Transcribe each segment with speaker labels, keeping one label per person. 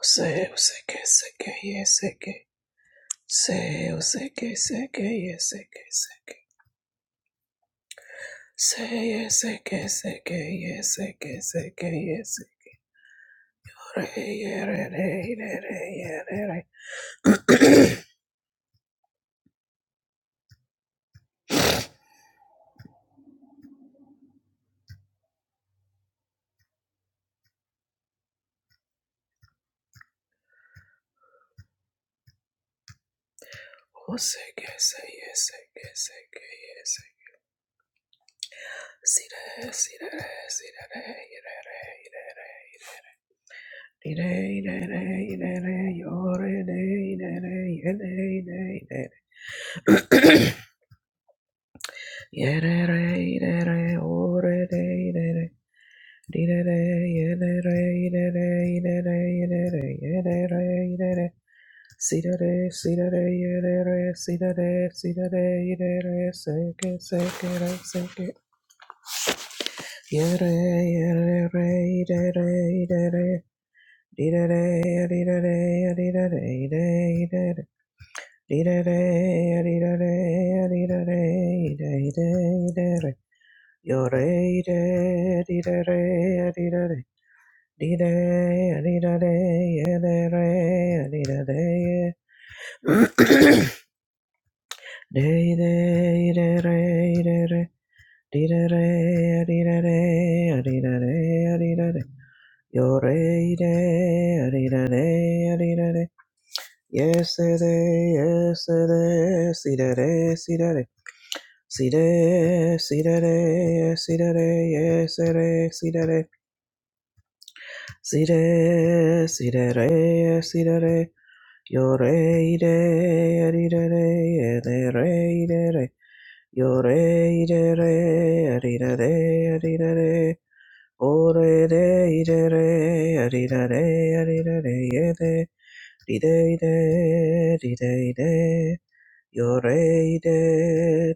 Speaker 1: Say, say, say, say, yes, say, say, say, say, yes, say, say, say, say, say, yes, say, say, yes. Re, re, re, re, re, re, re. Oh, say, say, yes, say, yes, say, yes. Si, re, si, re, si, re, re, re, re, re, re, re, re, re, yo, re, re, re, re, re, re, re, Yeah, re. Yere, re, re, re, oh, re, re, re. Yore, Dee day, a dee da, day, a day ray, a dee da day. Day day, day ray, day ray. Dee da, ray, a dee da, day, a dee da day, a dee da, day. Yo ray day, a dee da day, a dee da, Yesterday, yesterday, see that, see that, see that, see that, see that, yesterday, see that, see that, see that, see that, Yo re de ri de re de re de re Yo re de re ri de de ri de re O re de de re ri de de ri de re ye de ri de de ri de de Yo re de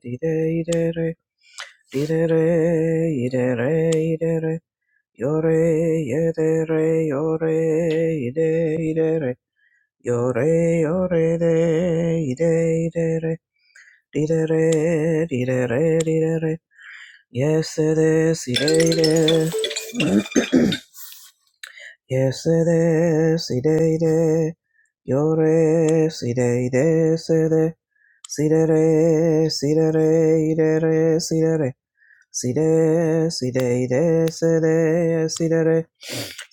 Speaker 1: ri de de re ri de re i de re i de re Yo re ye de re yo re i de i de re Yo re yo re de i de i de re di de re di de re di de re Yes it is i de i de Yes it is i de i de Yo re si de i de se de Si de re si de re i de re si de re Si de si de i de se de si de re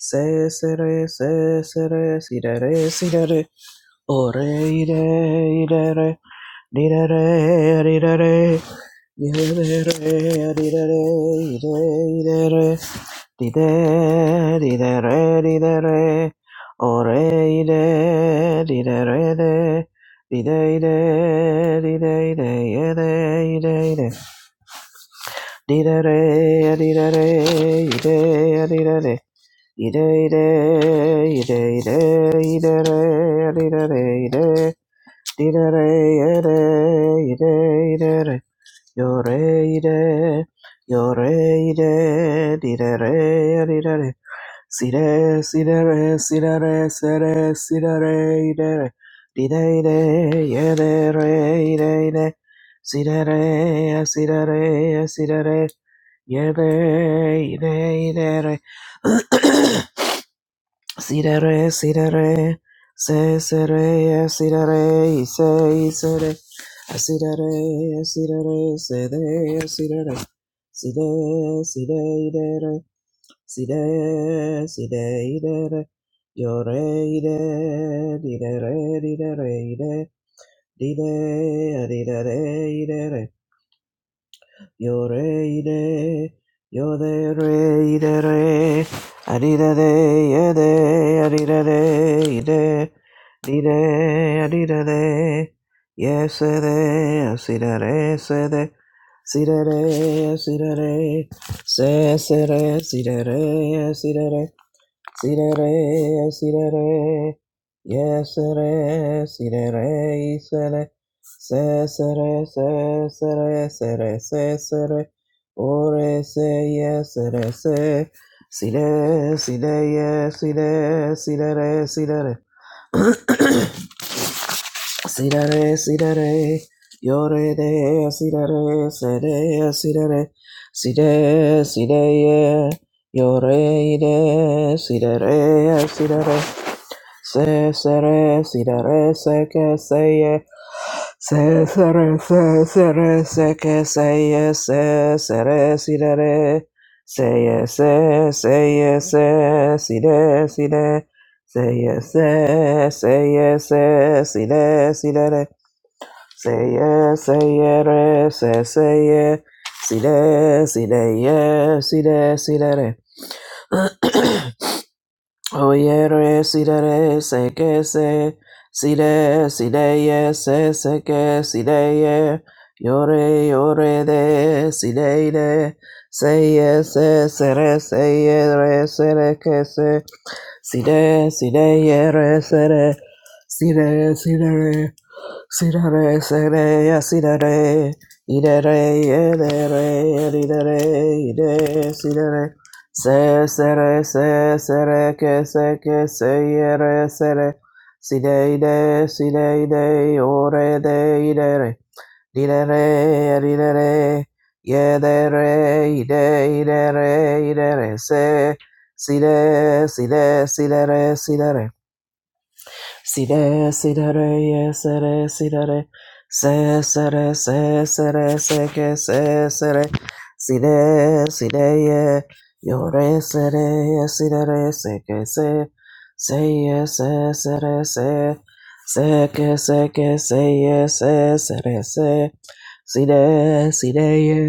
Speaker 1: Se se re se se re si de re si de re O re i de i de re Dee-da-da-da-da-da-da-da-da-da-da-da-da-da-da-da. Yoreire, yoreire, direre, direre, sire, sire, sire, sire, sire, idere, dideire, yedere, ideire, sire, sire, sire, yede, ide, idere. Sidere, sidere, se sere, sidere, ise, isere, sidere, sidere, sede, sidere, di side, idere, side, side, di yore, ide, di, didere, ide, dide, adidere, idere, Yoreide, yode reide re, adida de yede, adida de ide, dide, adida de, yes de, asida re se de, sida re, asida re, se sere, sida re, Sirere, sirere, yesere, sirere, isere, sesere, sesere, sere, sesere, ore, se, yesere, se, sire, sire, yesire, sirere, sirere, sirere, sirere, yore, de, sirere, sere, sirere, sire, sire, ye, yore, ide, sirere, sirere, Se se re si da re se que se ye se se re se se re se que se ye se se re si da re se ye se se ye se si de si de se ye se se ye se si de si de re se ye se ye re se se ye si de si de ye si de si de re Oyere sidere seke se side sideye se seke sideye yore yore de sideide seye se sere seye re sere ke se side sideye re sere side sidere Sirare, sirare, sirare, idare, idare, idare, idare, sirare. Se, sere, se, sere, que, se, que, se, yere, sere. Side, ide, side, ide, ore, de, idere. Didere, didere, yedere, ide, idere, idere, se. Side, side, sidere, sidere. Si de, si de re, ye, se re, si de re. Se, se re, se, se re, se que, se, se re. Si de, si de, ye. Yo re, se re, ye, si de re, se que, se. Se, ye, se, se re, se. Se que, se que, se, ye, se, se re, se. Si de, si de, ye.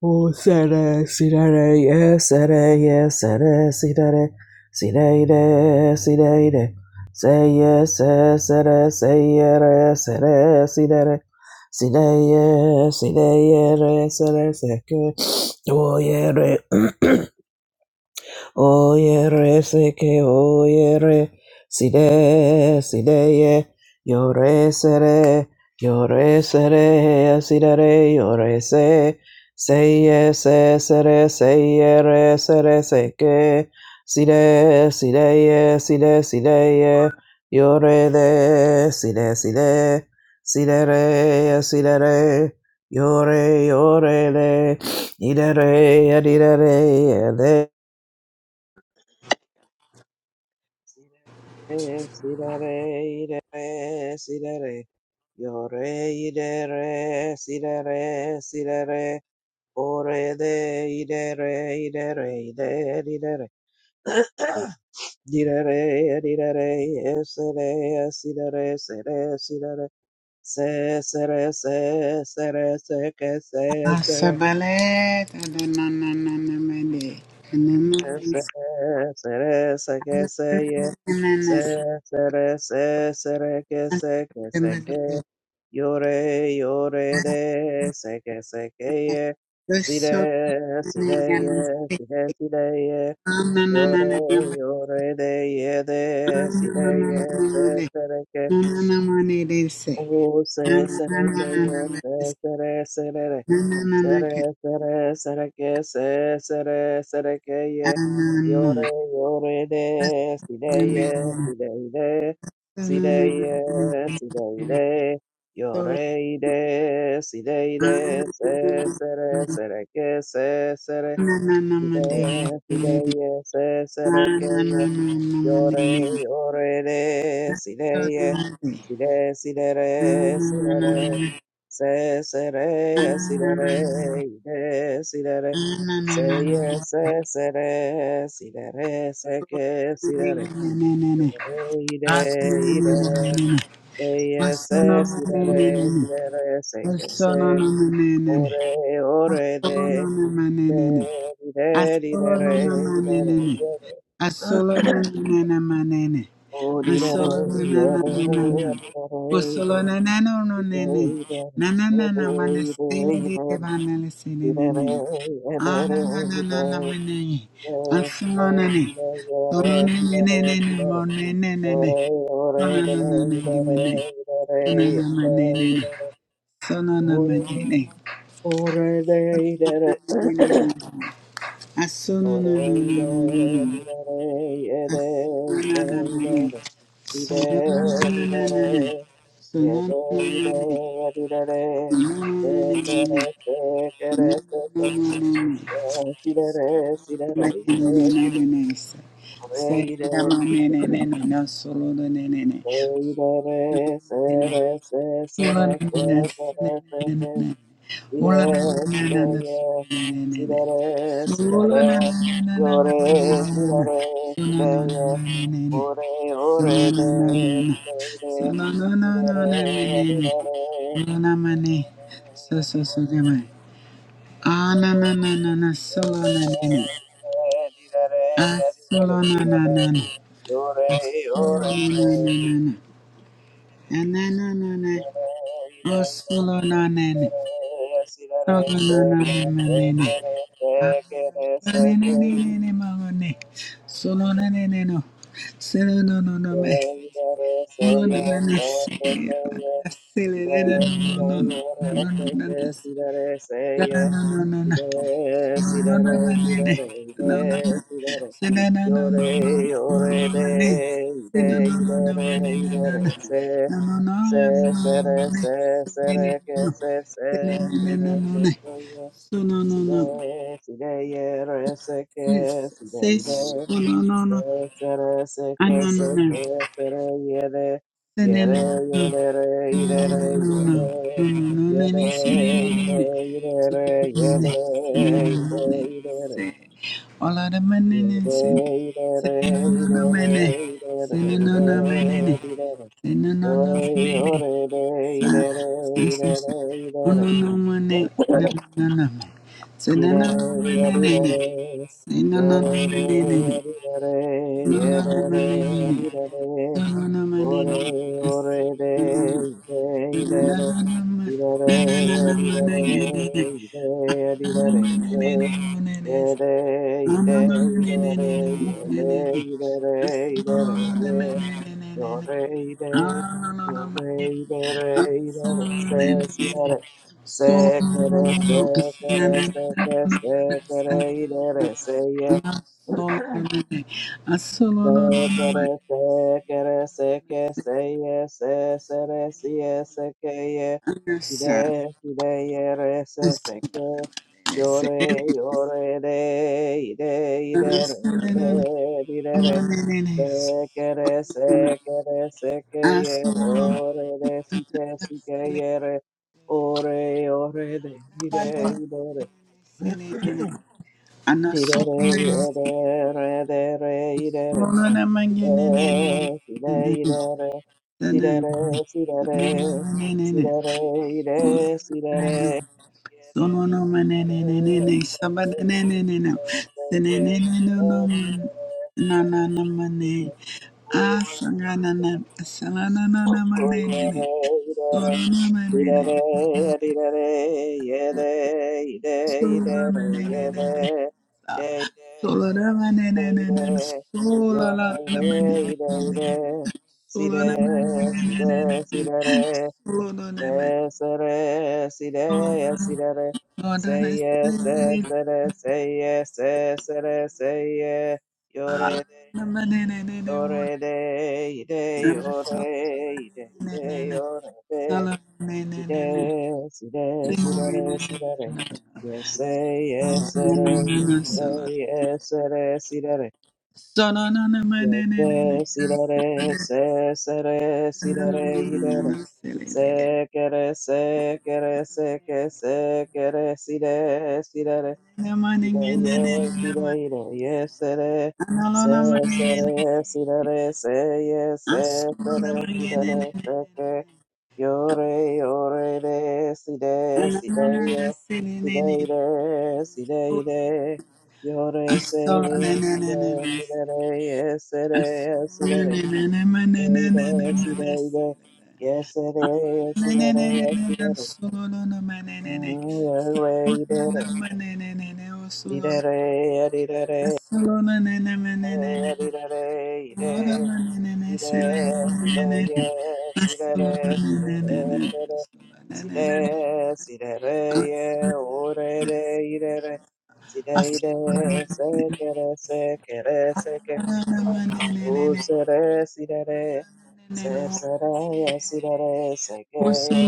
Speaker 1: Oh, sere, sirere, yes, sere, yes, sere, sirere, sireire, sireire. Say yes, yes, sere, say yere, sere, sirere, sireye, sireyere, sere, seke, oh, yere. Oyere seke oyere side sideye yore sere yore sere sidere yore se seye se sere seyere sere seke side sideye side sideye yore de side side sidere sidere yore yore de idere idere Sidere, sidere, idere, sidere. Yore, idere, sidere, sidere. Ore, de, idere, idere, idere, idere. Didere, didere, esere, sidere, sere, sidere. Se, sere, se, sere, se, que, se, sere.
Speaker 2: Asabalet adonananamede.
Speaker 1: se se re se que se ye se
Speaker 2: Anamansanamananasa.
Speaker 1: se re se se que se que se que
Speaker 2: Asabalemedebe.
Speaker 1: llore llore de se que se que ye si re si re ye
Speaker 2: Asabalemedebe.
Speaker 1: si re si re ye llore
Speaker 2: Ananananamede.
Speaker 1: llore de ye de si re ye se
Speaker 2: Ananananamede.
Speaker 1: se que
Speaker 2: Anananamanedese.
Speaker 1: o se se que ye se
Speaker 2: Ananananamedese.
Speaker 1: se re se re Sere,
Speaker 2: Anananake.
Speaker 1: sere, sere, que, se, sere, sere, que, ye.
Speaker 2: Anana.
Speaker 1: Yore, yore, de, side, ye,
Speaker 2: Asabalemedebe.
Speaker 1: side, de. Side, ye, side,
Speaker 2: Ananananamede.
Speaker 1: de.
Speaker 2: Solo.
Speaker 1: Yore, de, side, de. Se, sere, sere, que, se, sere. Side,
Speaker 2: Ananananamede.
Speaker 1: side,
Speaker 2: Ananananamede.
Speaker 1: ye, se, sere,
Speaker 2: Asolo
Speaker 1: que,
Speaker 2: no
Speaker 1: ye.
Speaker 2: na
Speaker 1: Yore, yore, re, si, re, ye, si, re, si, re, re, si, re, se, se, re, si, re, re, i, re, si, se, ye, se, se, re, si, re, se, ke, si, re, yore, ide ide re, re, se, ye, se, si, re, re, re, se, ke, se, ore, ore, de, ide
Speaker 2: manene,
Speaker 1: ide ide
Speaker 2: asolo no
Speaker 1: re,
Speaker 2: na
Speaker 1: ide re,
Speaker 2: manene,
Speaker 1: re, re.
Speaker 2: Asolo na na na na na na.
Speaker 1: Oh, did I?
Speaker 2: Asolo na na na na na na. Osolo na na na na na na. Na na na na mana sele de bana le sele na na. Ah na na na na na na na. Asolo na na. Solo na na na na na mo na na na na. Solo na na na na na na. Solo na na na na na. Solo na na na na na. Asolo na na na na na na.
Speaker 1: Yeah, Ore Sidere, sidere, yore, sidere, sidere,
Speaker 2: Solo
Speaker 1: Ore,
Speaker 2: So no no
Speaker 1: ore,
Speaker 2: no
Speaker 1: de, de,
Speaker 2: no no
Speaker 1: de,
Speaker 2: no
Speaker 1: de, re
Speaker 2: no
Speaker 1: di re re
Speaker 2: no no na mane. So
Speaker 1: di
Speaker 2: so
Speaker 1: re
Speaker 2: so demon.
Speaker 1: re di
Speaker 2: Ah na na na na na solo na na na.
Speaker 1: re re di re
Speaker 2: Ah
Speaker 1: re
Speaker 2: solo
Speaker 1: di
Speaker 2: na
Speaker 1: re
Speaker 2: na na na.
Speaker 1: re ore
Speaker 2: Solo na
Speaker 1: ore
Speaker 2: na na
Speaker 1: de,
Speaker 2: na na. Na
Speaker 1: de,
Speaker 2: na na na na. Oh
Speaker 1: de,
Speaker 2: solo na na
Speaker 1: de.
Speaker 2: na.
Speaker 1: re si re re se
Speaker 2: Solo na na na na
Speaker 1: se
Speaker 2: na na.
Speaker 1: se se
Speaker 2: Ah
Speaker 1: ke re
Speaker 2: na
Speaker 1: se
Speaker 2: na na
Speaker 1: ke
Speaker 2: na na na ma ne. Solo na na na no. Solo no no no me.
Speaker 1: Yore,
Speaker 2: No, no, no, no, silly, silly, no, no, no, no, no, no, no, no, no, no, no, no. No, no, no, no, no. No, no, no. Say no, no, no, no, no. No,
Speaker 1: yore,
Speaker 2: no, no, no.
Speaker 1: de,
Speaker 2: Say no,
Speaker 1: de,
Speaker 2: no, no, no, no, no,
Speaker 1: idere,
Speaker 2: no,
Speaker 1: idere,
Speaker 2: no.
Speaker 1: se,
Speaker 2: No,
Speaker 1: re
Speaker 2: no, no, no, no, no,
Speaker 1: se, sere,
Speaker 2: no.
Speaker 1: se,
Speaker 2: Say no,
Speaker 1: sere,
Speaker 2: no,
Speaker 1: que, se,
Speaker 2: no. Say no,
Speaker 1: se,
Speaker 2: no, no,
Speaker 1: sere,
Speaker 2: no,
Speaker 1: se,
Speaker 2: no.
Speaker 1: se, ye.
Speaker 2: So no, no, no.
Speaker 1: Sire, sire, yere, seke, sire,
Speaker 2: Say
Speaker 1: ire,
Speaker 2: so, no, no, no.
Speaker 1: se, sere,
Speaker 2: Ah,
Speaker 1: seke,
Speaker 2: no, no,
Speaker 1: seke,
Speaker 2: no.
Speaker 1: sere, yere,
Speaker 2: Say no,
Speaker 1: yere,
Speaker 2: no, no.
Speaker 1: yere,
Speaker 2: No,
Speaker 1: re, ire,
Speaker 2: no, no,
Speaker 1: re, yere,
Speaker 2: no, no. No,
Speaker 1: yere,
Speaker 2: no, no, no,
Speaker 1: ire,
Speaker 2: no,
Speaker 1: ire, re,
Speaker 2: no,
Speaker 1: yere, ire, ire,
Speaker 2: no,
Speaker 1: re,
Speaker 2: no, no. All out of my
Speaker 1: yere,
Speaker 2: nene, say,
Speaker 1: ire, re, ire,
Speaker 2: say,
Speaker 1: re,
Speaker 2: no, no, no, mene.
Speaker 1: ire,
Speaker 2: Say, no, no, no, mene.
Speaker 1: ire, re,
Speaker 2: Say, no, no, no,
Speaker 1: yore,
Speaker 2: mene.
Speaker 1: yore, re, ire, re,
Speaker 2: Say, say,
Speaker 1: ire, re,
Speaker 2: say. Oh,
Speaker 1: ire,
Speaker 2: no,
Speaker 1: re,
Speaker 2: no, mene. No, no, no, no, mene. Say, no, no,
Speaker 1: Idere,
Speaker 2: no,
Speaker 1: idere,
Speaker 2: mene. Say, no, no, no,
Speaker 1: yore,
Speaker 2: mene.
Speaker 1: idere,
Speaker 2: No, no, no,
Speaker 1: yere,
Speaker 2: mene.
Speaker 1: idere,
Speaker 2: No, no, no,
Speaker 1: ore,
Speaker 2: mene. No, no,
Speaker 1: ore, de,
Speaker 2: no, mene.
Speaker 1: de,
Speaker 2: Yes,
Speaker 1: idere, idere, idere, idere, idere, idere, yede idere, idere, de. Yo rey de, yo rey de, rey de, re, se, si, de, re. Se, que, re, se, que, re, se, que, se, que, rey de, re, se, ye. Se, que, re, se, que, re, se, que, se, ye, se, se, re, si, ye, se, que, ye. Si,
Speaker 2: sir.
Speaker 1: de, si, de, ye, re, se, se, que. Yo,
Speaker 2: Yes,
Speaker 1: re, yo, re, de, y, de, y, de, re, y, de,
Speaker 2: yes.
Speaker 1: di, de, re.
Speaker 2: Sono
Speaker 1: Se re se que re se que
Speaker 2: Ah,
Speaker 1: hierre, ore de si que si que ye re ore, ore de, ire, ire, dire, re, ire, re, i e de, re, ire, re, i de re si de, ire, re, si de, re, si de, re, si de, re, ire, si de, re, ire, re, ire, se, se, que, se, si de, re, si de, re, Say yes, yes, yes,
Speaker 2: sangana na, sangana na na manene, sono na manene, sono na manene, Sola da ma ne ne ne ne
Speaker 1: say yes, yes, yes, say yes. You're it. Yore de, ide, yore, ide, ide,
Speaker 2: ne,
Speaker 1: yore de, side, side, sidere, sidere. Yes, eh, yes, yes,
Speaker 2: Solo
Speaker 1: eh, yes, sidere. Yes, sidere, se, sere, sidere, idere. Sekere, sekere, seke, sekere, side, sidere. Sire, yes, sire, ire, yes, sire,
Speaker 2: Analola
Speaker 1: se,
Speaker 2: manene,
Speaker 1: sire, sire, se, yes, se,
Speaker 2: asola
Speaker 1: sire,
Speaker 2: manene,
Speaker 1: sire, se, que, yore, yore, de, sire, sire,
Speaker 2: ananana
Speaker 1: yes, sire,
Speaker 2: sinene,
Speaker 1: ire, sire, ire, yore, se,
Speaker 2: asola
Speaker 1: sire,
Speaker 2: nananana,
Speaker 1: sire, yes, sire, yes, sire,
Speaker 2: asola
Speaker 1: sire,
Speaker 2: nananana
Speaker 1: ire, sire,
Speaker 2: mananana,
Speaker 1: ire, yes, sire, yes, sire, yes,
Speaker 2: ananana
Speaker 1: sire,
Speaker 2: solo no manene,
Speaker 1: mm, yore, ire,
Speaker 2: ananana manene, osolo no
Speaker 1: ire, ire, ire,
Speaker 2: Asolo nanana
Speaker 1: Sire,
Speaker 2: manene,
Speaker 1: sire,
Speaker 2: asolo manene,
Speaker 1: sireye,
Speaker 2: silene manene, asolo
Speaker 1: sirere, sirere, sere.
Speaker 2: nanana, asolo nanana.
Speaker 1: Sire, sirereye, orere, irere. Sire,
Speaker 2: Yes,
Speaker 1: ire, sekere, sekere, seke. Usere, sirere, se, sereye, sirere, sekeye.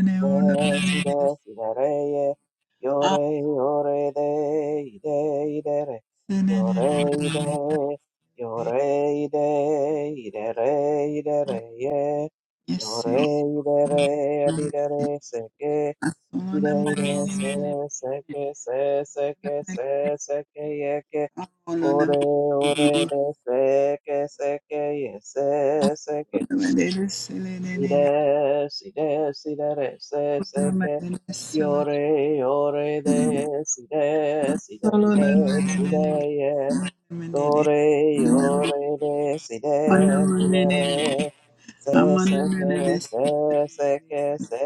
Speaker 1: Sire, sire, sirereye, yore, yore, de, ide, Yoreide, yoreide, idere, idere, ye. Yoreide, re, adidere, seke, ideide, se, seke, se, seke, se, seke, yeke. Ore, ore, de, seke, seke, ye, se, seke. Side, side, sidere, se, seke. Yore, yore, de, side, side, ide, side, do re yo re re si re si re re se se ke se se ke se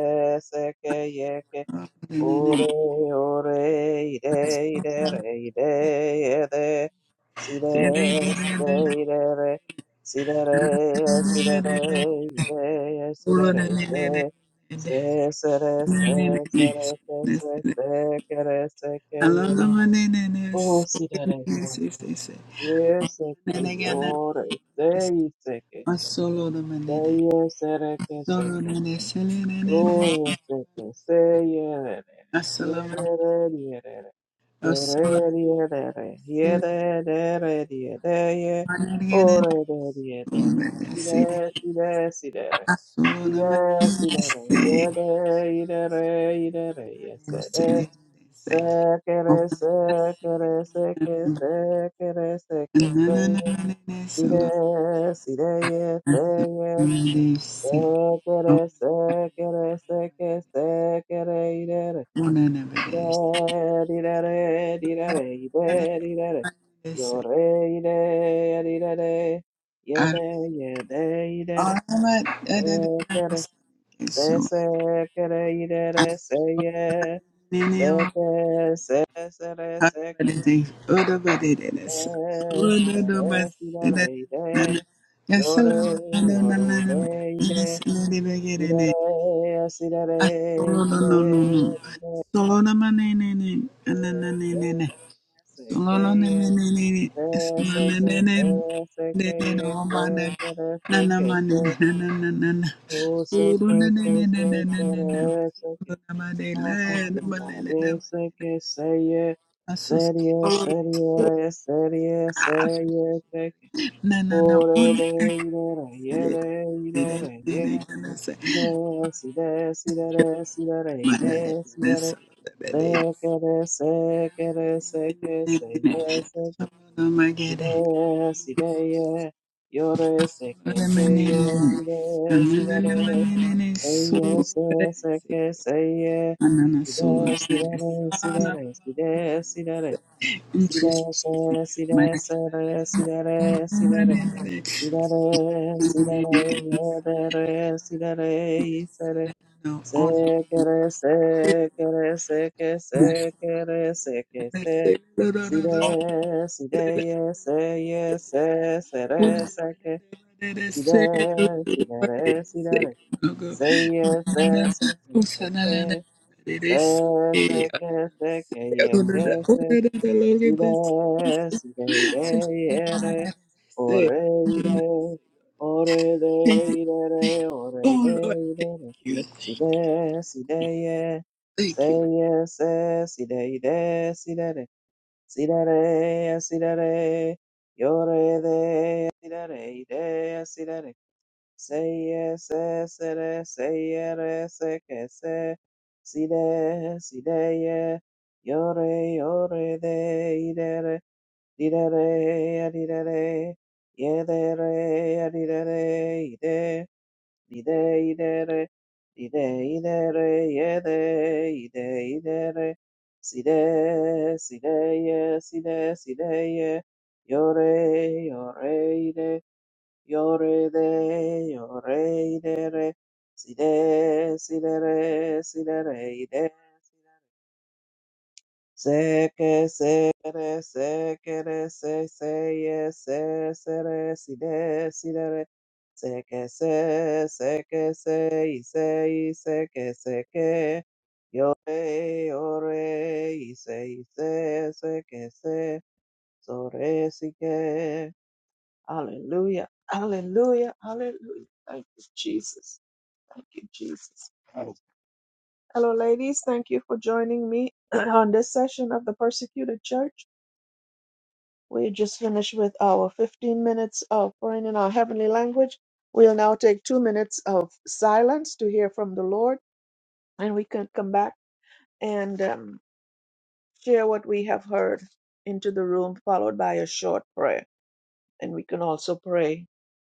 Speaker 1: se ke ye ke
Speaker 2: Solo
Speaker 1: o re o re i re i re re i re ye re si re si re i re re si re re si re re i re ye si re re i re se se re se se re se se se ke re se ke ye o si re re se Yeseke yore sei seke seye sereke seke yore seke seye rere yerere yerere yore yerere yerere yerere ore yerere sire sire sire sire sire yere yerere yerere yesere sekere sekere seke sekere seke seye Sire, sireye,
Speaker 2: Solo
Speaker 1: seye,
Speaker 2: no no
Speaker 1: sekere, sekere, seke, sekere, idere, idere, idere, idere, idere, idere, yore, idere, idere, yede, yede, idere, sekere, se, sekere, idere, seye, seke, se, sere, seke, Ire, si re, si re, re, re. Yo re, yo re, re, re. Ire, re, si re, re, ire, Irere, sirere, ire,
Speaker 2: no.
Speaker 1: ire,
Speaker 2: Solo na manene ne
Speaker 1: se,
Speaker 2: ananene
Speaker 1: se, que,
Speaker 2: Solo ne
Speaker 1: ye.
Speaker 2: ne ne ne ne,
Speaker 1: Re, se,
Speaker 2: Solo ne
Speaker 1: que,
Speaker 2: ne
Speaker 1: se,
Speaker 2: ne ne ne,
Speaker 1: se, que,
Speaker 2: ne
Speaker 1: ye.
Speaker 2: Oba ne
Speaker 1: Se, que, re,
Speaker 2: na
Speaker 1: se,
Speaker 2: na
Speaker 1: que,
Speaker 2: ma ne
Speaker 1: se.
Speaker 2: na na na na na.
Speaker 1: Oh, se,
Speaker 2: Solo
Speaker 1: que,
Speaker 2: ne ne
Speaker 1: se,
Speaker 2: ne
Speaker 1: que,
Speaker 2: ne ne, ne
Speaker 1: se,
Speaker 2: ne ne,
Speaker 1: re, se, que.
Speaker 2: na na na na
Speaker 1: Oh, thank you,
Speaker 2: na na
Speaker 1: Lord.
Speaker 2: na, na
Speaker 1: Re,
Speaker 2: na
Speaker 1: se, que, se, ye.
Speaker 2: Aso
Speaker 1: Serie,
Speaker 2: solo
Speaker 1: serie, re, serie, se, ye, se,
Speaker 2: na, na na
Speaker 1: Ore
Speaker 2: one
Speaker 1: de ire re ye re
Speaker 2: excellent. Ne
Speaker 1: ire
Speaker 2: ne ne
Speaker 1: re ye
Speaker 2: ne ne ne se.
Speaker 1: ire si de si de re si de re
Speaker 2: Ma na de
Speaker 1: ire si
Speaker 2: ne
Speaker 1: de re
Speaker 2: solo de be
Speaker 1: de
Speaker 2: de
Speaker 1: ke de se ke de se ke
Speaker 2: ne
Speaker 1: se
Speaker 2: ne ne.
Speaker 1: ye se ke
Speaker 2: Solo na ma ge
Speaker 1: si
Speaker 2: de.
Speaker 1: de si de ye yo re se ke
Speaker 2: Solo ne
Speaker 1: se
Speaker 2: ne ne
Speaker 1: ye si
Speaker 2: ne.
Speaker 1: de si de
Speaker 2: na na
Speaker 1: re
Speaker 2: na na
Speaker 1: de ye
Speaker 2: solo solo solo
Speaker 1: se
Speaker 2: solo solo
Speaker 1: se
Speaker 2: one
Speaker 1: ke se ye
Speaker 2: Anana
Speaker 1: si de
Speaker 2: solo
Speaker 1: si de
Speaker 2: de
Speaker 1: re si de
Speaker 2: sana
Speaker 1: re si de si de re si de
Speaker 2: interest
Speaker 1: se si de
Speaker 2: mana
Speaker 1: se re si de re si de
Speaker 2: kana
Speaker 1: re Sidere, sidere, yedere, sidere, yisere,
Speaker 2: no
Speaker 1: sekere, sekere, seke, sekere, seke, se. Side, sideye, seye, se, sere, seke. Side, sidere, sidere, seye, se, seke, seke. Se, seke, seke, yeke, se. Sire, sire, ire, ire, ore,
Speaker 2: Thank
Speaker 1: ire,
Speaker 2: you.
Speaker 1: ore, de, ire, re, ore,
Speaker 2: Oh
Speaker 1: de,
Speaker 2: Lord,
Speaker 1: ire, re.
Speaker 2: thank you.
Speaker 1: Sire, sire, ye, se,
Speaker 2: Thank you.
Speaker 1: ye, se, sire, ire, sire, re. Sire, re, sire, re, yore, de, sire, re, ire, sire, re. Say yes, yes, yes, say yes, yes, yes, yes. Si de, si de, yeah. Yore, yore, de, idere, didere, adidere, yedere, adidere, ide, ide, idere, ide, idere, yede, ide, idere. Si de, si de, yeah, si de, si de, yeah. Yore, yore, ide. Yore de, yore de re, si de, si de re, si de re, i de. Se que se re, se que re, se se ye, se se re, si de, si de re. Se que se, se que se, y se, y se que se que. Ore, ore, y se, y se, se que se. Sore, si que. Hallelujah, hallelujah, hallelujah. Thank you, Jesus. Thank you, Jesus. Hello, ladies. Thank you for joining me on this session of the Persecuted Church. We just finished with our 15 minutes of praying in our heavenly language. We'll now take two minutes of silence to hear from the Lord, and we can come back and um, share what we have heard into the room, followed by a short prayer. And we can also pray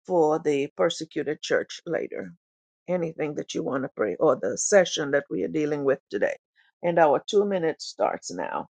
Speaker 1: for the persecuted church later. anything that you want to pray or the session that we are dealing with today. And our two minutes starts now.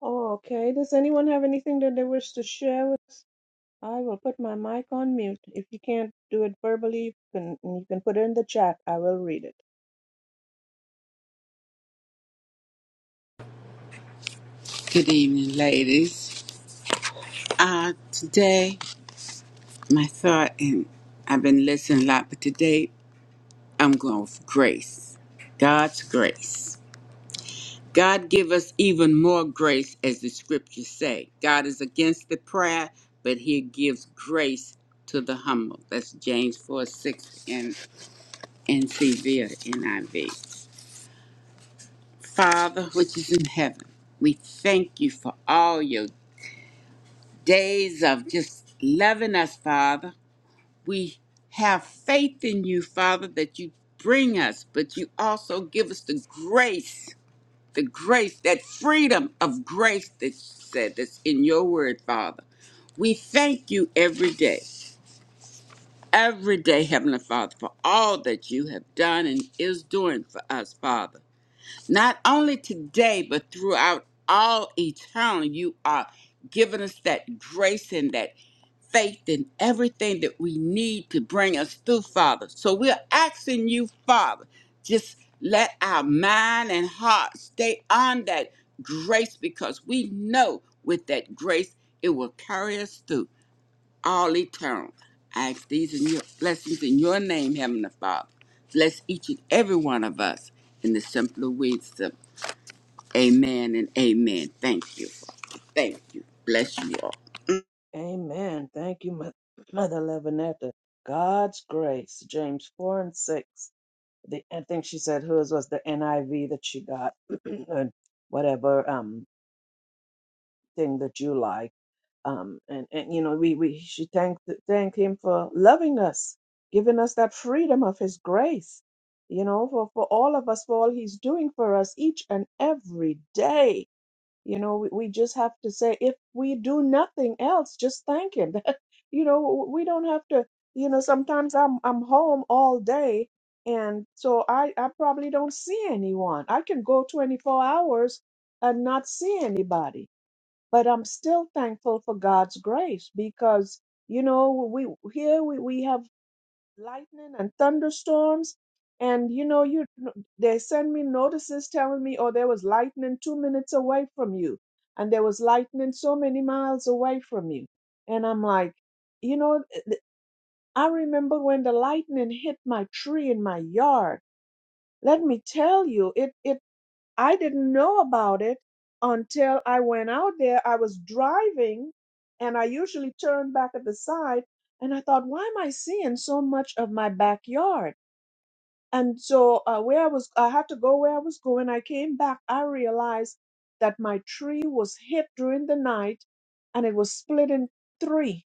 Speaker 1: Oh, okay. Does anyone have anything that they wish to share with? I will put my mic on mute. If you can't do it verbally, you can you can put it in the chat. I will read it.
Speaker 2: Good evening, ladies. Uh, today, my thought, and I've been listening a lot, but today I'm going with grace. God's grace. God give us even more grace, as the scriptures say. God is against the proud, but He gives grace to the humble. That's James 4 6 and NCV or NIV. Father, which is in heaven, we thank you for all your days of just loving us, Father. We have faith in you, Father, that you bring us, but you also give us the grace, the grace, that freedom of grace that you said that's in your word, Father. We thank you every day, every day, Heavenly Father, for all that you have done and is doing for us, Father. Not only today, but throughout all eternity, you are giving us that grace and that faith and everything that we need to bring us through, Father. So we're asking you, Father, just let our mind and heart stay on that grace because we know with that grace it will carry us through all eternal. I ask these in your blessings in your name, Heavenly Father. Bless each and every one of us in the simpler wisdom. Amen and amen. Thank you. Father. Thank you. Bless you all.
Speaker 1: Amen. Thank you, Mo- Mother Levinetta. God's grace, James 4 and 6. The, I think she said hers was the NIV that she got, and whatever um thing that you like. um, and and you know we we she thanked thank him for loving us, giving us that freedom of his grace, you know, for for all of us, for all he's doing for us each and every day. You know, we, we just have to say if we do nothing else, just thank him. you know, we don't have to. You know, sometimes I'm I'm home all day, and so I I probably don't see anyone. I can go 24 hours and not see anybody but I'm still thankful for God's grace because you know we here we, we have lightning and thunderstorms and you know you they send me notices telling me oh there was lightning 2 minutes away from you and there was lightning so many miles away from you and I'm like you know I remember when the lightning hit my tree in my yard let me tell you it it I didn't know about it until I went out there. I was driving and I usually turn back at the side and I thought, why am I seeing so much of my backyard? And so uh, where I was, I had to go where I was going. I came back. I realized that my tree was hit during the night and it was split in three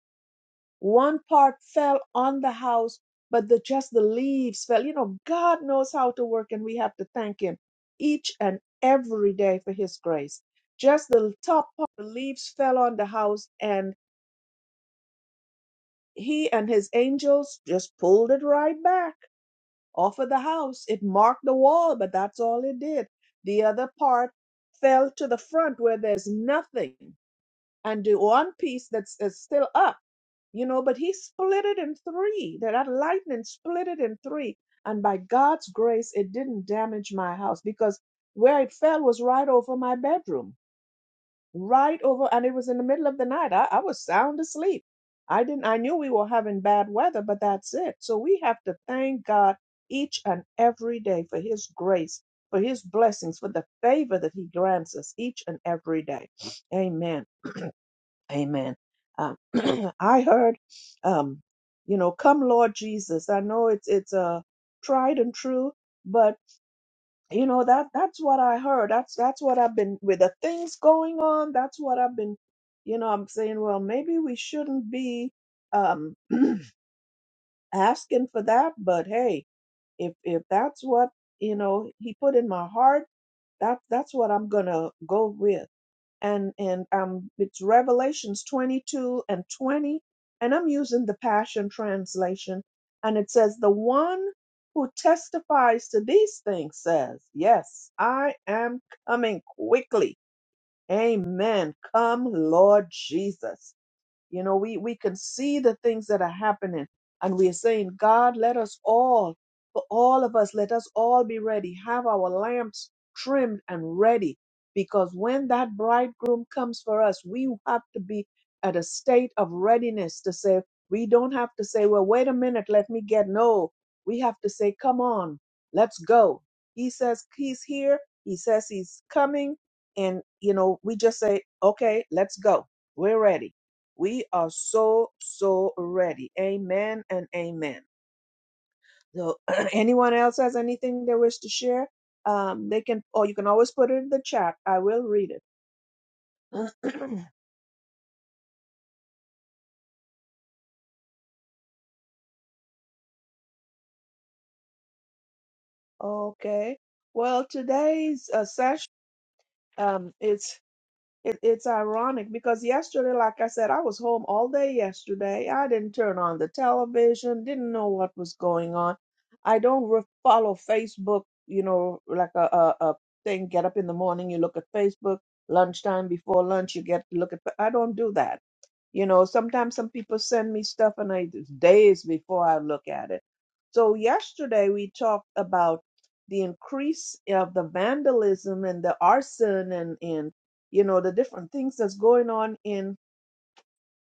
Speaker 1: one part fell on the house, but the just the leaves fell. You know, God knows how to work, and we have to thank Him each and every day for His grace. Just the top part, the leaves fell on the house, and He and His angels just pulled it right back off of the house. It marked the wall, but that's all it did. The other part fell to the front where there's nothing, and the one piece that's is still up you know, but he split it in three. That that lightning split it in three. And by God's grace, it didn't damage my house because where it fell was right over my bedroom, right over, and it was in the middle of the night. I, I was sound asleep. I didn't, I knew we were having bad weather, but that's it. So we have to thank God each and every day for his grace, for his blessings, for the favor that he grants us each and every day. Amen. Amen. Um, I heard, um, you know, come Lord Jesus. I know it's it's uh, tried and true, but you know that that's what I heard. That's that's what I've been with the things going on. That's what I've been, you know. I'm saying, well, maybe we shouldn't be um, asking for that, but hey, if if that's what you know He put in my heart, that that's what I'm gonna go with. and and um it's revelations 22 and 20 and i'm using the passion translation and it says the one who testifies to these things says yes i am coming quickly amen come lord jesus you know, we, we can see the things that are happening. And we are saying, God, let us all, for all of us, let us all be ready. Have our lamps trimmed and ready. Because when that bridegroom comes for us, we have to be at a state of readiness to say, we don't have to say, well, wait a minute, let me get. No, we have to say, come on, let's go. He says he's here. He says he's coming. And, you know, we just say, okay, let's go. We're ready we are so, so ready. Amen and amen. So, anyone else has anything they wish to share? Um, they can, or you can always put it in the chat. I will read it. okay. Well, today's uh, session um, is It, it's ironic because yesterday, like I said, I was home all day yesterday. I didn't turn on the television, didn't know what was going on. I don't re- follow Facebook, you know, like a, a, a thing. Get up in the morning, you look at Facebook. Lunchtime, before lunch, you get to look at. I don't do that. You know, sometimes some people send me stuff and I it's days before I look at it. So yesterday we talked about the increase of the vandalism and the arson and and you know the different things that's going on in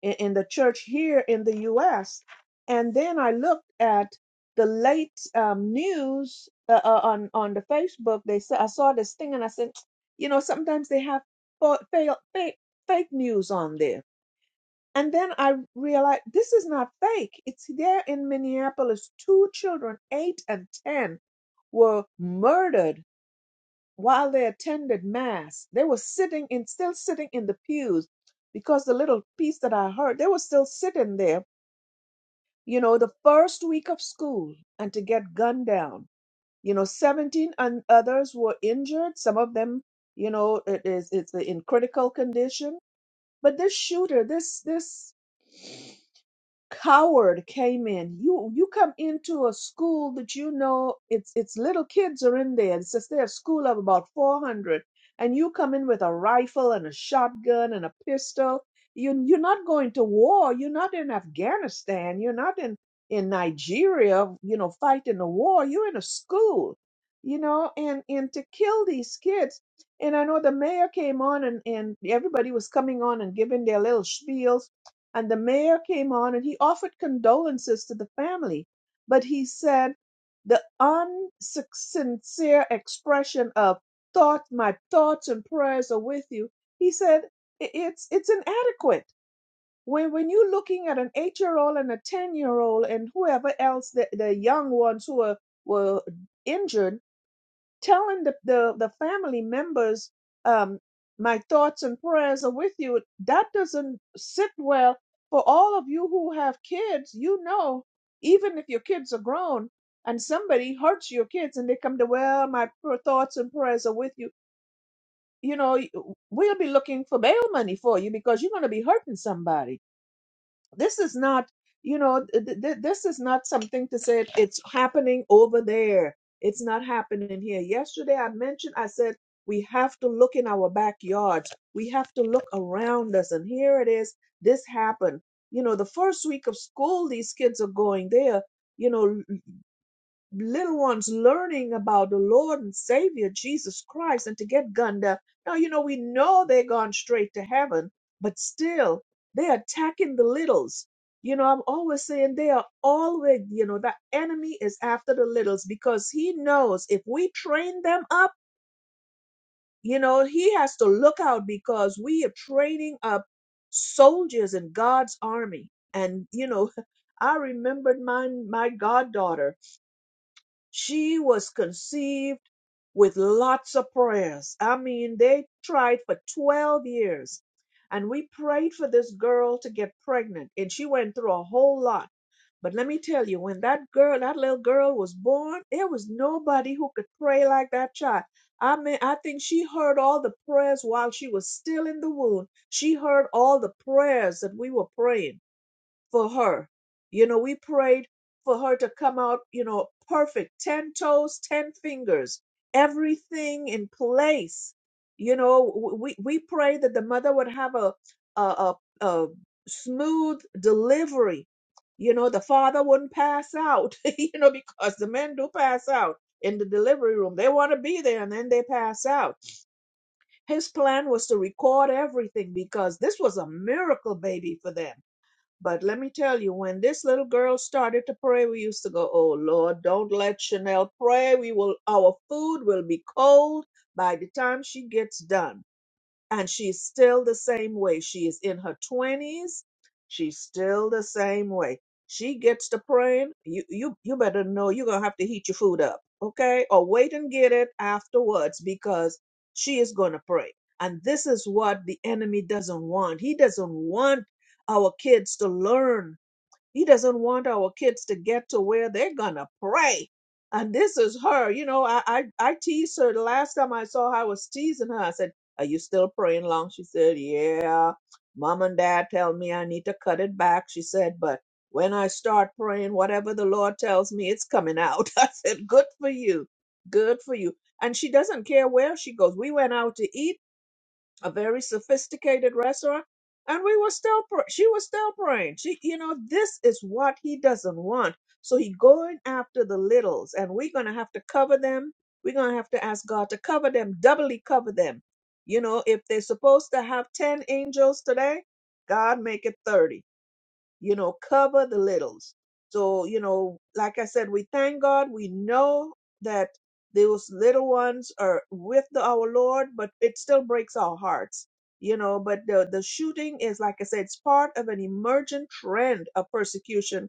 Speaker 1: in, in the church here in the U.S. And then I looked at the late um, news uh, uh, on on the Facebook. They said I saw this thing and I said, you know, sometimes they have fa- fail- fake fake news on this and then I realized this is not fake. It's there in Minneapolis. Two children, eight and 10, were murdered while they attended mass. They were sitting in, still sitting in the pews because the little piece that I heard, they were still sitting there, you know, the first week of school and to get gunned down. You know, 17 and others were injured. Some of them, you know, it is, it's in critical condition. But this shooter, this, this coward came in. You you come into a school that you know it's it's little kids are in there. It's just they're a school of about four hundred, and you come in with a rifle and a shotgun and a pistol. You you're not going to war. You're not in Afghanistan. You're not in in Nigeria. You know, fighting a war. You're in a school. You know, and and to kill these kids. And I know the mayor came on and and everybody was coming on and giving their little spiels and the mayor came on and he offered condolences to the family, but he said the unsincere expression of thought, my thoughts and prayers are with you. He said "I- it's it's inadequate. When when you're looking at an eight year old and a ten year old and whoever else the, the young ones who were were injured telling the, the, the family members, um, my thoughts and prayers are with you, that doesn't sit well for all of you who have kids. You know, even if your kids are grown and somebody hurts your kids and they come to, well, my pr- thoughts and prayers are with you, you know, y- we'll be looking for bail money for you because you're going to be hurting somebody this is not, you know, th- th- this is not something to say it's happening over there. It's not happening here. Yesterday I mentioned, I said, we have to look in our backyards. We have to look around us. And here it is. This happened. You know, the first week of school, these kids are going there. You know, little ones learning about the Lord and Savior Jesus Christ and to get gunned up. Now, you know, we know they're gone straight to heaven, but still they're attacking the littles. You know, I'm always saying they are always, you know, the enemy is after the littles because he knows if we train them up, you know, he has to look out because we are training up soldiers in God's army. And, you know, I remembered my my goddaughter. She was conceived with lots of prayers. I mean, they tried for 12 years. And we prayed for this girl to get pregnant. And she went through a whole lot. But let me tell you, when that girl, that little girl was born, there was nobody who could pray like that child. I mean, I think she heard all the prayers while she was still in the womb. She heard all the prayers that we were praying for her. You know, we prayed for her to come out, you know, perfect 10 toes, 10 fingers, everything in place. You know, w- we, we prayed that the mother would have a, a, a, a smooth delivery. You know, the father wouldn't pass out, you know, because the men do pass out in the delivery room. They want to be there and then they pass out. His plan was to record everything because this was a miracle baby for them but let me tell you, when this little girl started to pray, we used to go, "Oh Lord, don't let Chanel pray. We will, our food will be cold by the time she gets done." and she's still the same way. She is in her 20s. She's still the same way. She gets to praying. You you you better know you're gonna have to heat your food up, okay? Or wait and get it afterwards because she is gonna pray. And this is what the enemy doesn't want. He doesn't want our kids to learn he doesn't want our kids to get to where they're gonna pray. And this is her. You know, I I, I teased her the last time I saw her, I was teasing her. I said, Are you still praying long? She said, Yeah. Mom and dad tell me I need to cut it back. She said, but when I start praying, whatever the Lord tells me, it's coming out. I said, Good for you. Good for you. And she doesn't care where she goes. We went out to eat a very sophisticated restaurant and we were still pr- she was still praying she you know this is what he doesn't want so he going after the littles and we're gonna have to cover them we're gonna have to ask god to cover them doubly cover them you know if they're supposed to have 10 angels today god make it 30 you know, cover the littles. So, you know, like I said, we thank God. We know that those little ones are with the, our Lord, but it still breaks our hearts, you know. But the, the shooting is, like I said, it's part of an emergent trend of persecution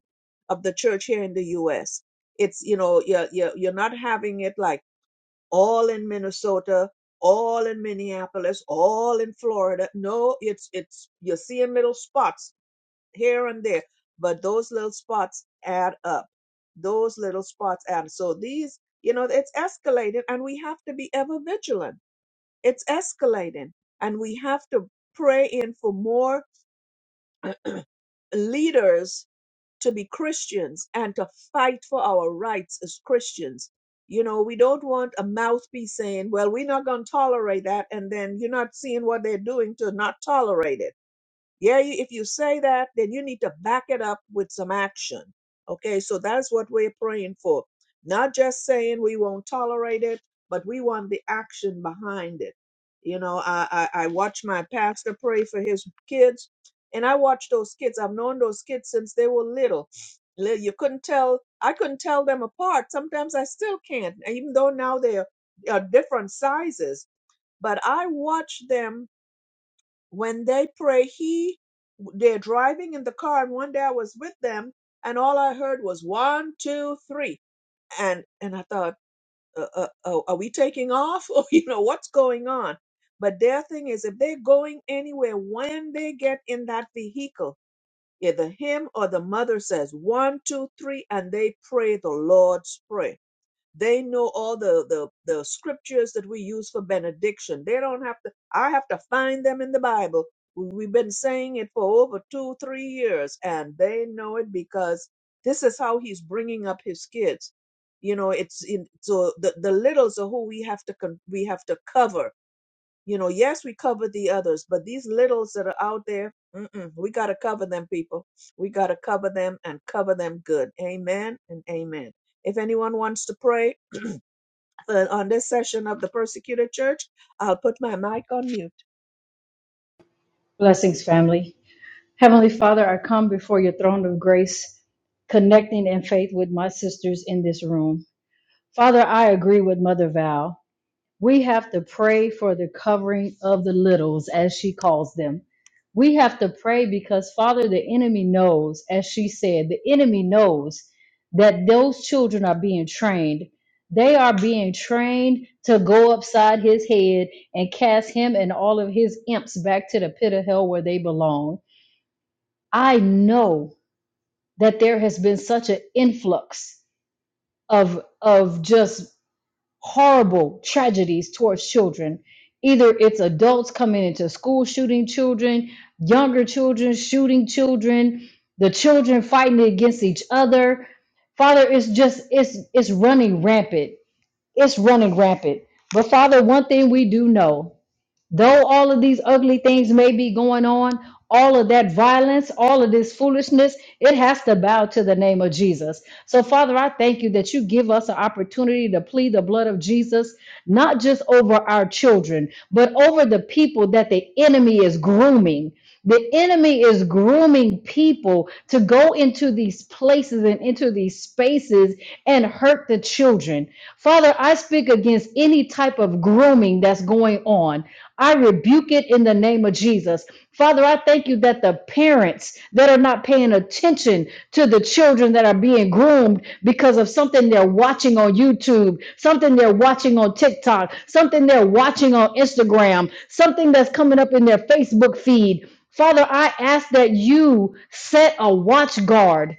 Speaker 1: of the church here in the U.S. It's, you know, you're, you're, you're not having it like all in Minnesota, all in Minneapolis, all in Florida. No, it's, it's, you're seeing little spots here and there, but those little spots add up. Those little spots add. So these, you know, it's escalating and we have to be ever vigilant. It's escalating and we have to pray in for more uh, uh, leaders to be Christians and to fight for our rights as Christians. You know, we don't want a mouthpiece saying, well, we're not going to tolerate that. And then you're not seeing what they're doing to not tolerate it yeah, you- if you say that, then you need to back it up with some action. Okay, so that's what we're praying for. Not just saying we won't tolerate it, but we want the action behind it. You know, I, I, I watch my pastor pray for his kids, and I watch those kids. I've known those kids since they were little. Li- You couldn't tell, I couldn't tell them apart. Sometimes I still can't, even though now they're, are different sizes. But I watch them when they pray he they're driving in the car and one day i was with them and all i heard was one two three and and i thought uh, uh, uh, are we taking off or you know what's going on but their thing is if they're going anywhere when they get in that vehicle either him or the mother says one two three and they pray the lord's prayer they know all the, the, the scriptures that we use for benediction. They don't have to, I have to find them in the Bible. We've been saying it for over two, three years, and they know it because this is how he's bringing up his kids. You know, it's in, so the, the littles are who we have to, con, we have to cover. You know, yes, we cover the others, but these littles that are out there, mm-mm, we got to cover them, people. We got to cover them and cover them good. Amen and amen. If anyone wants to pray, uh, on this session of the persecuted church. I'll put my mic on mute.
Speaker 3: Blessings, family. Heavenly Father, I come before your throne of grace, connecting in faith with my sisters in this room. Father, I agree with Mother Val. We have to pray for the covering of the littles, as she calls them. We have to pray because, Father, the enemy knows, as she said, the enemy knows that those children are being trained. They are being trained to go upside his head and cast him and all of his imps back to the pit of hell where they belong. I know that there has been such an influx of of just horrible tragedies towards children. Either it's adults coming into school shooting children, younger children shooting children, the children fighting against each other. Father, it's just it's it's running rampant. It's running rampant. But Father, one thing we do know. Though all of these ugly things may be going on, all of that violence, all of this foolishness, it has to bow to the name of Jesus. So, Father, I thank you that you give us an opportunity to plead the blood of Jesus, not just over our children, but over the people that the enemy is grooming. The enemy is grooming people to go into these places and into these spaces and hurt the children. Father, I speak against any type of grooming that's going on. I rebuke it in the name of Jesus. Father, I thank you that the parents that are not paying attention to the children that are being groomed because of something they're watching on YouTube, something they're watching on TikTok, something they're watching on Instagram, something that's coming up in their Facebook feed. Father, I ask that you set a watch guard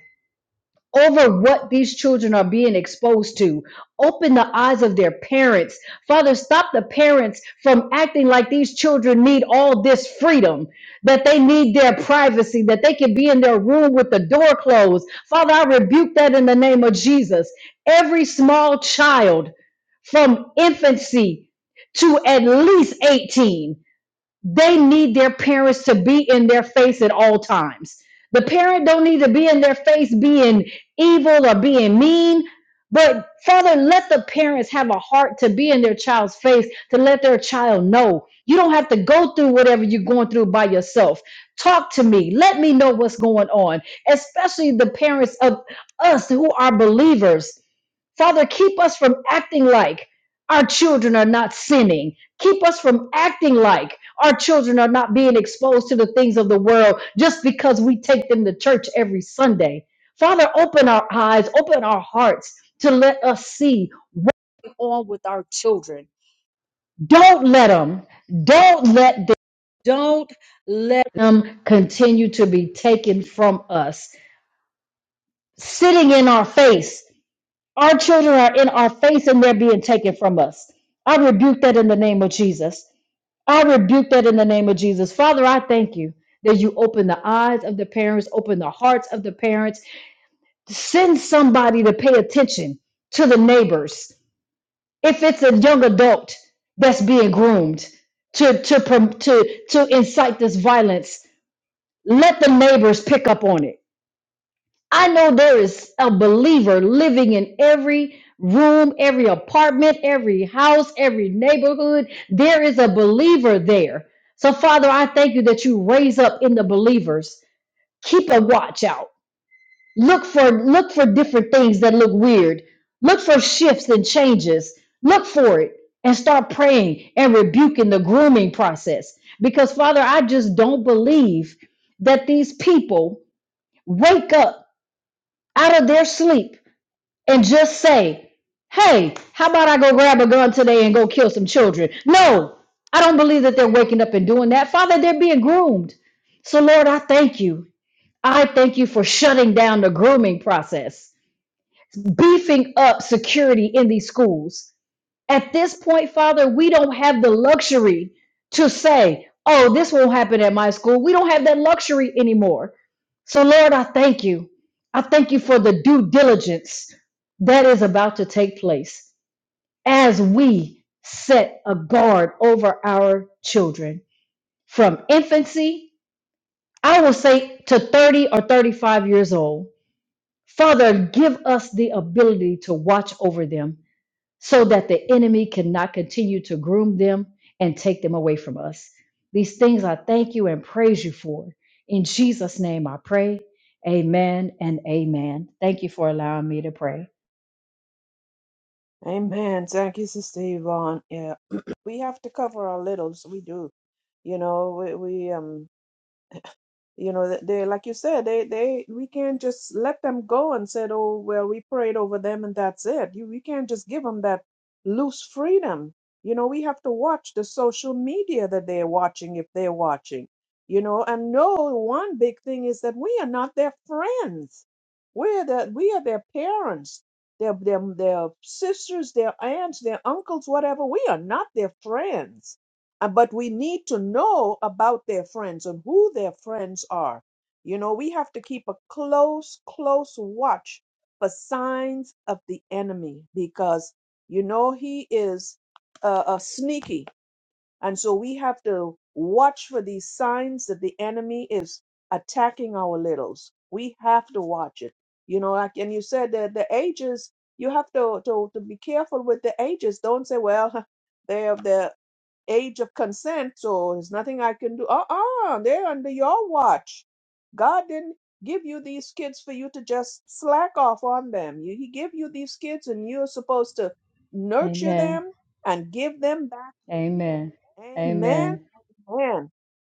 Speaker 3: over what these children are being exposed to. Open the eyes of their parents. Father, stop the parents from acting like these children need all this freedom, that they need their privacy, that they can be in their room with the door closed. Father, I rebuke that in the name of Jesus. Every small child from infancy to at least 18 they need their parents to be in their face at all times. The parent don't need to be in their face being evil or being mean. But Father, let the parents have a heart to be in their child's face, to let their child know you don't have to go through whatever you're going through by yourself. Talk to me. Let me know what's going on, especially the parents of us who are believers. Father, keep us from acting like our children are not sinning. Keep us from acting like our children are not being exposed to the things of the world just because we take them to church every Sunday. Father, open our eyes, open our hearts to let us see on with our children. Don't let them, don't let them, don't let them continue to be taken from us, sitting in our face Our children are in our face and they're being taken from us. I rebuke that in the name of Jesus. I rebuke that in the name of Jesus. Father, I thank you that you open the eyes of the parents, open the hearts of the parents. Send somebody to pay attention to the neighbors. If it's a young adult that's being groomed to, to, prom- to, to incite this violence, let the neighbors pick up on it I know there is a believer living in every room, every apartment, every house, every neighborhood. There is a believer there. So, Father, I thank you that you raise up in the believers. Keep a watch out. Look for look for different things that look weird. Look for shifts and changes. Look for it and start praying and rebuking the grooming process. Because Father, I just don't believe that these people wake up out of their sleep and just say, hey, how about I go grab a gun today and go kill some children? No, I don't believe that they're waking up and doing that. Father, they're being groomed. So, Lord, I thank you. I thank you for shutting down the grooming process, beefing up security in these schools. At this point, Father, we don't have the luxury to say, oh, this won't happen at my school. We don't have that luxury anymore. So, Lord, I thank you. I thank you for the due diligence that is about to take place as we set a guard over our children from infancy, I will say to 30 or 35 years old. Father, give us the ability to watch over them so that the enemy cannot continue to groom them and take them away from us. These things I thank you and praise you for. In Jesus' name I pray. Amen and amen. Thank you for allowing me to pray.
Speaker 1: Amen. Thank you, Sister Yvonne. Yeah, we have to cover our littles. We do. You know, we, we um you know th- they like you said they they we can't just let them go and said oh well we prayed over them and that's it you we can't just give them that loose freedom you know we have to watch the social media that they're watching if they're watching you know and no one big thing is that we are not their friends we're the we are their parents their their, their sisters their aunts their uncles whatever we are not their friends uh, but we need to know about their friends and who their friends are. You know, we have to keep a close, close watch for signs of the enemy because, you know, he is uh, uh, sneaky. And so we have to watch for these signs that the enemy is attacking our littles. We have to watch it. You know, like, and you said that the ages, you have to, to, to be careful with the ages. Don't say, well, they're, they're age of consent, so there's nothing I can do. Uh uh they are under your watch. God didn't give you these kids for you to just slack off on them. You, he gave you these kids, and you're supposed to nurture
Speaker 3: Amen.
Speaker 1: them and give them back to Him.
Speaker 3: Amen.
Speaker 1: Amen.
Speaker 3: Amen.
Speaker 1: Amen.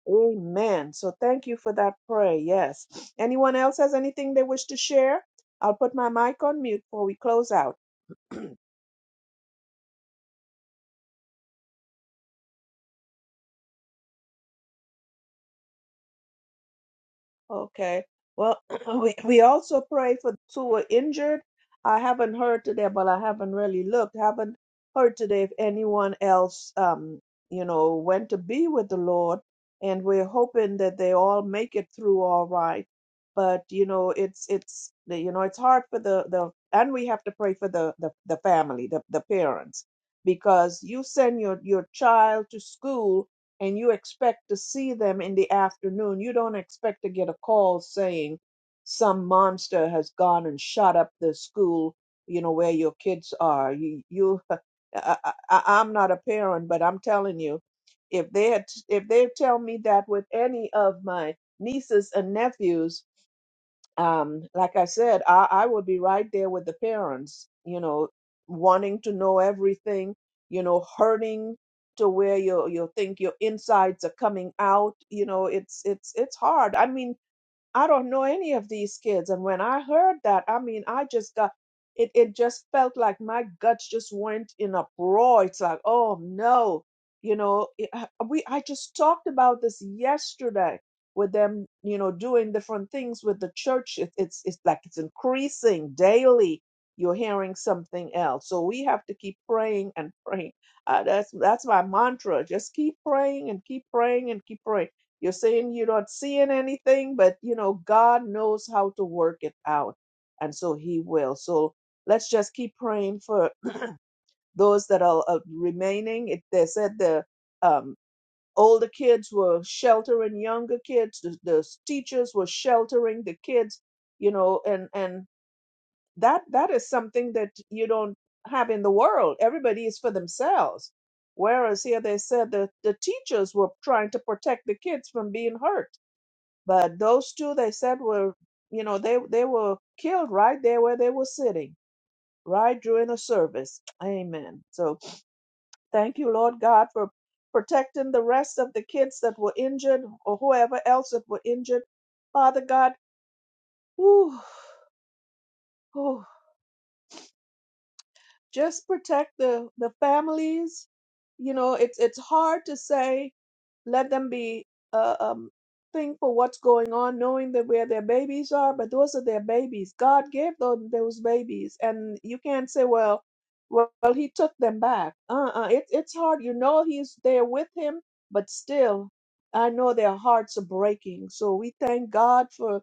Speaker 1: Amen. So thank you for that prayer. Yes. Anyone else has anything they wish to share? I'll put my mic on mute before we close out. Okay. Well, we, we also pray for those who were injured. I haven't heard today, but I haven't really looked. Haven't heard today if anyone else, um, you know, went to be with the Lord. And we're hoping that they all make it through all right. But you know, it's it's you know, it's hard for the the and we have to pray for the the, the family, the the parents, because you send your your child to school and you expect to see them in the afternoon. You don't expect to get a call saying some monster has gone and shot up the school, you know, where your kids are. You, you I, I, I- am not a parent, but I'm telling you, if they had, if they tell me that with any of my nieces and nephews, um, like I said, I, I would be right there with the parents, you know, wanting to know everything, you know, hurting to where you you think your insides are coming out. You know, it's it's it's hard. I mean, I don't know any of these kids. And when I heard that, I mean, I just got it, it just felt like my guts just went in a roar. It's like, oh no, you know, it- I- we, I just talked about this yesterday with them, you know, doing different things with the church. It, it's, it's like it's increasing daily. You're hearing something else. So we have to keep praying and praying. Uh, that's, that's my mantra. Just keep praying and keep praying and keep praying you're saying you're not seeing anything, but you know, God knows how to work it out. And so he will. So let's just keep praying for those that are uh, remaining. It, they said the um, older kids were sheltering younger kids. The, the teachers were sheltering the kids, you know, and, and that, that is something that you don't have in the world. Everybody is for themselves. Whereas here they said that the teachers were trying to protect the kids from being hurt but those two they said were, you know, they they were killed right there where they were sitting, right during the service. Amen. So thank you, Lord God, for protecting the rest of the kids that were injured or whoever else that were injured. Father God, whew, whew, just protect the the families. You know, it's it's hard to say let them be uh, um, thankful what's going on, knowing that where their babies are. But those are their babies. God gave them those babies, and you can't say, "Well, well, well, He took them back." Uh-uh. It, it's hard. You know He's there with Him, but still, I know their hearts are breaking. So we thank God for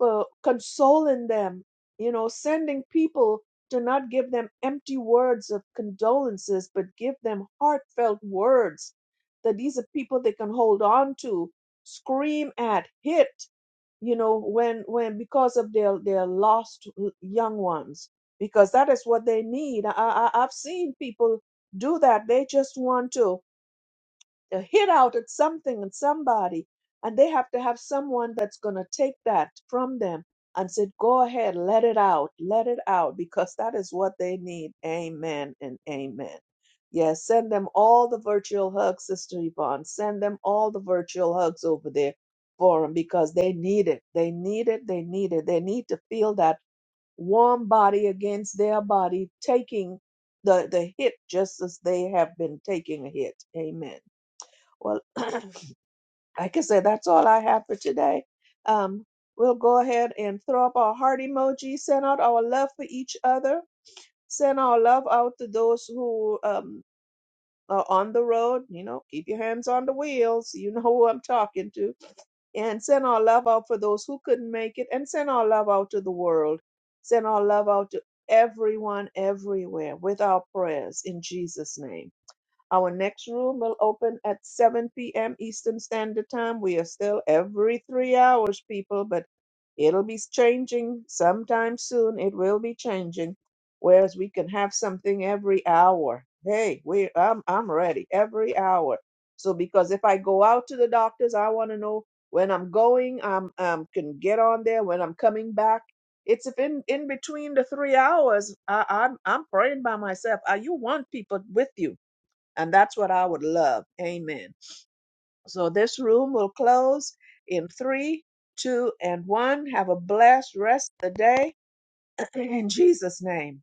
Speaker 1: uh, consoling them, you know, sending people to not give them empty words of condolences, but give them heartfelt words that these are people they can hold on to, scream at, hit, you know, when when because of their their lost l- young ones, because that is what they need. I, I I've seen people do that. They just want to a hit out at something and somebody, and they have to have someone that's going to take that from them and said, Go ahead, let it out, let it out, because that is what they need. Amen and amen. Yes, send them all the virtual hugs, Sister Yvonne. Send them all the virtual hugs over there for them because they need it. They need it. They need it. They need to feel that warm body against their body, taking the, the hit just as they have been taking a hit. Amen. Well, I can say that's all I have for today. Um, we'll go ahead and throw up our heart emoji, send out our love for each other, send our love out to those who um, are on the road. You know, keep your hands on the wheels. You know who I'm talking to. And send our love out for those who couldn't make it, and send our love out to the world. Send our love out to everyone, everywhere, with our prayers in Jesus' name. Our next room will open at 7 p.m. Eastern Standard Time. We are still every three hours, people, but it'll be changing sometime soon. It will be changing. Whereas we can have something every hour. Hey, we I'm I'm ready every hour. So because if I go out to the doctors, I want to know when I'm going. I'm um can get on there when I'm coming back. It's if in in between the three hours, I, I'm I'm praying by myself. Uh you want people with you and that's what I would love. Amen. So this room will close in three, two, and one. Have a blessed rest of the day in Jesus' name.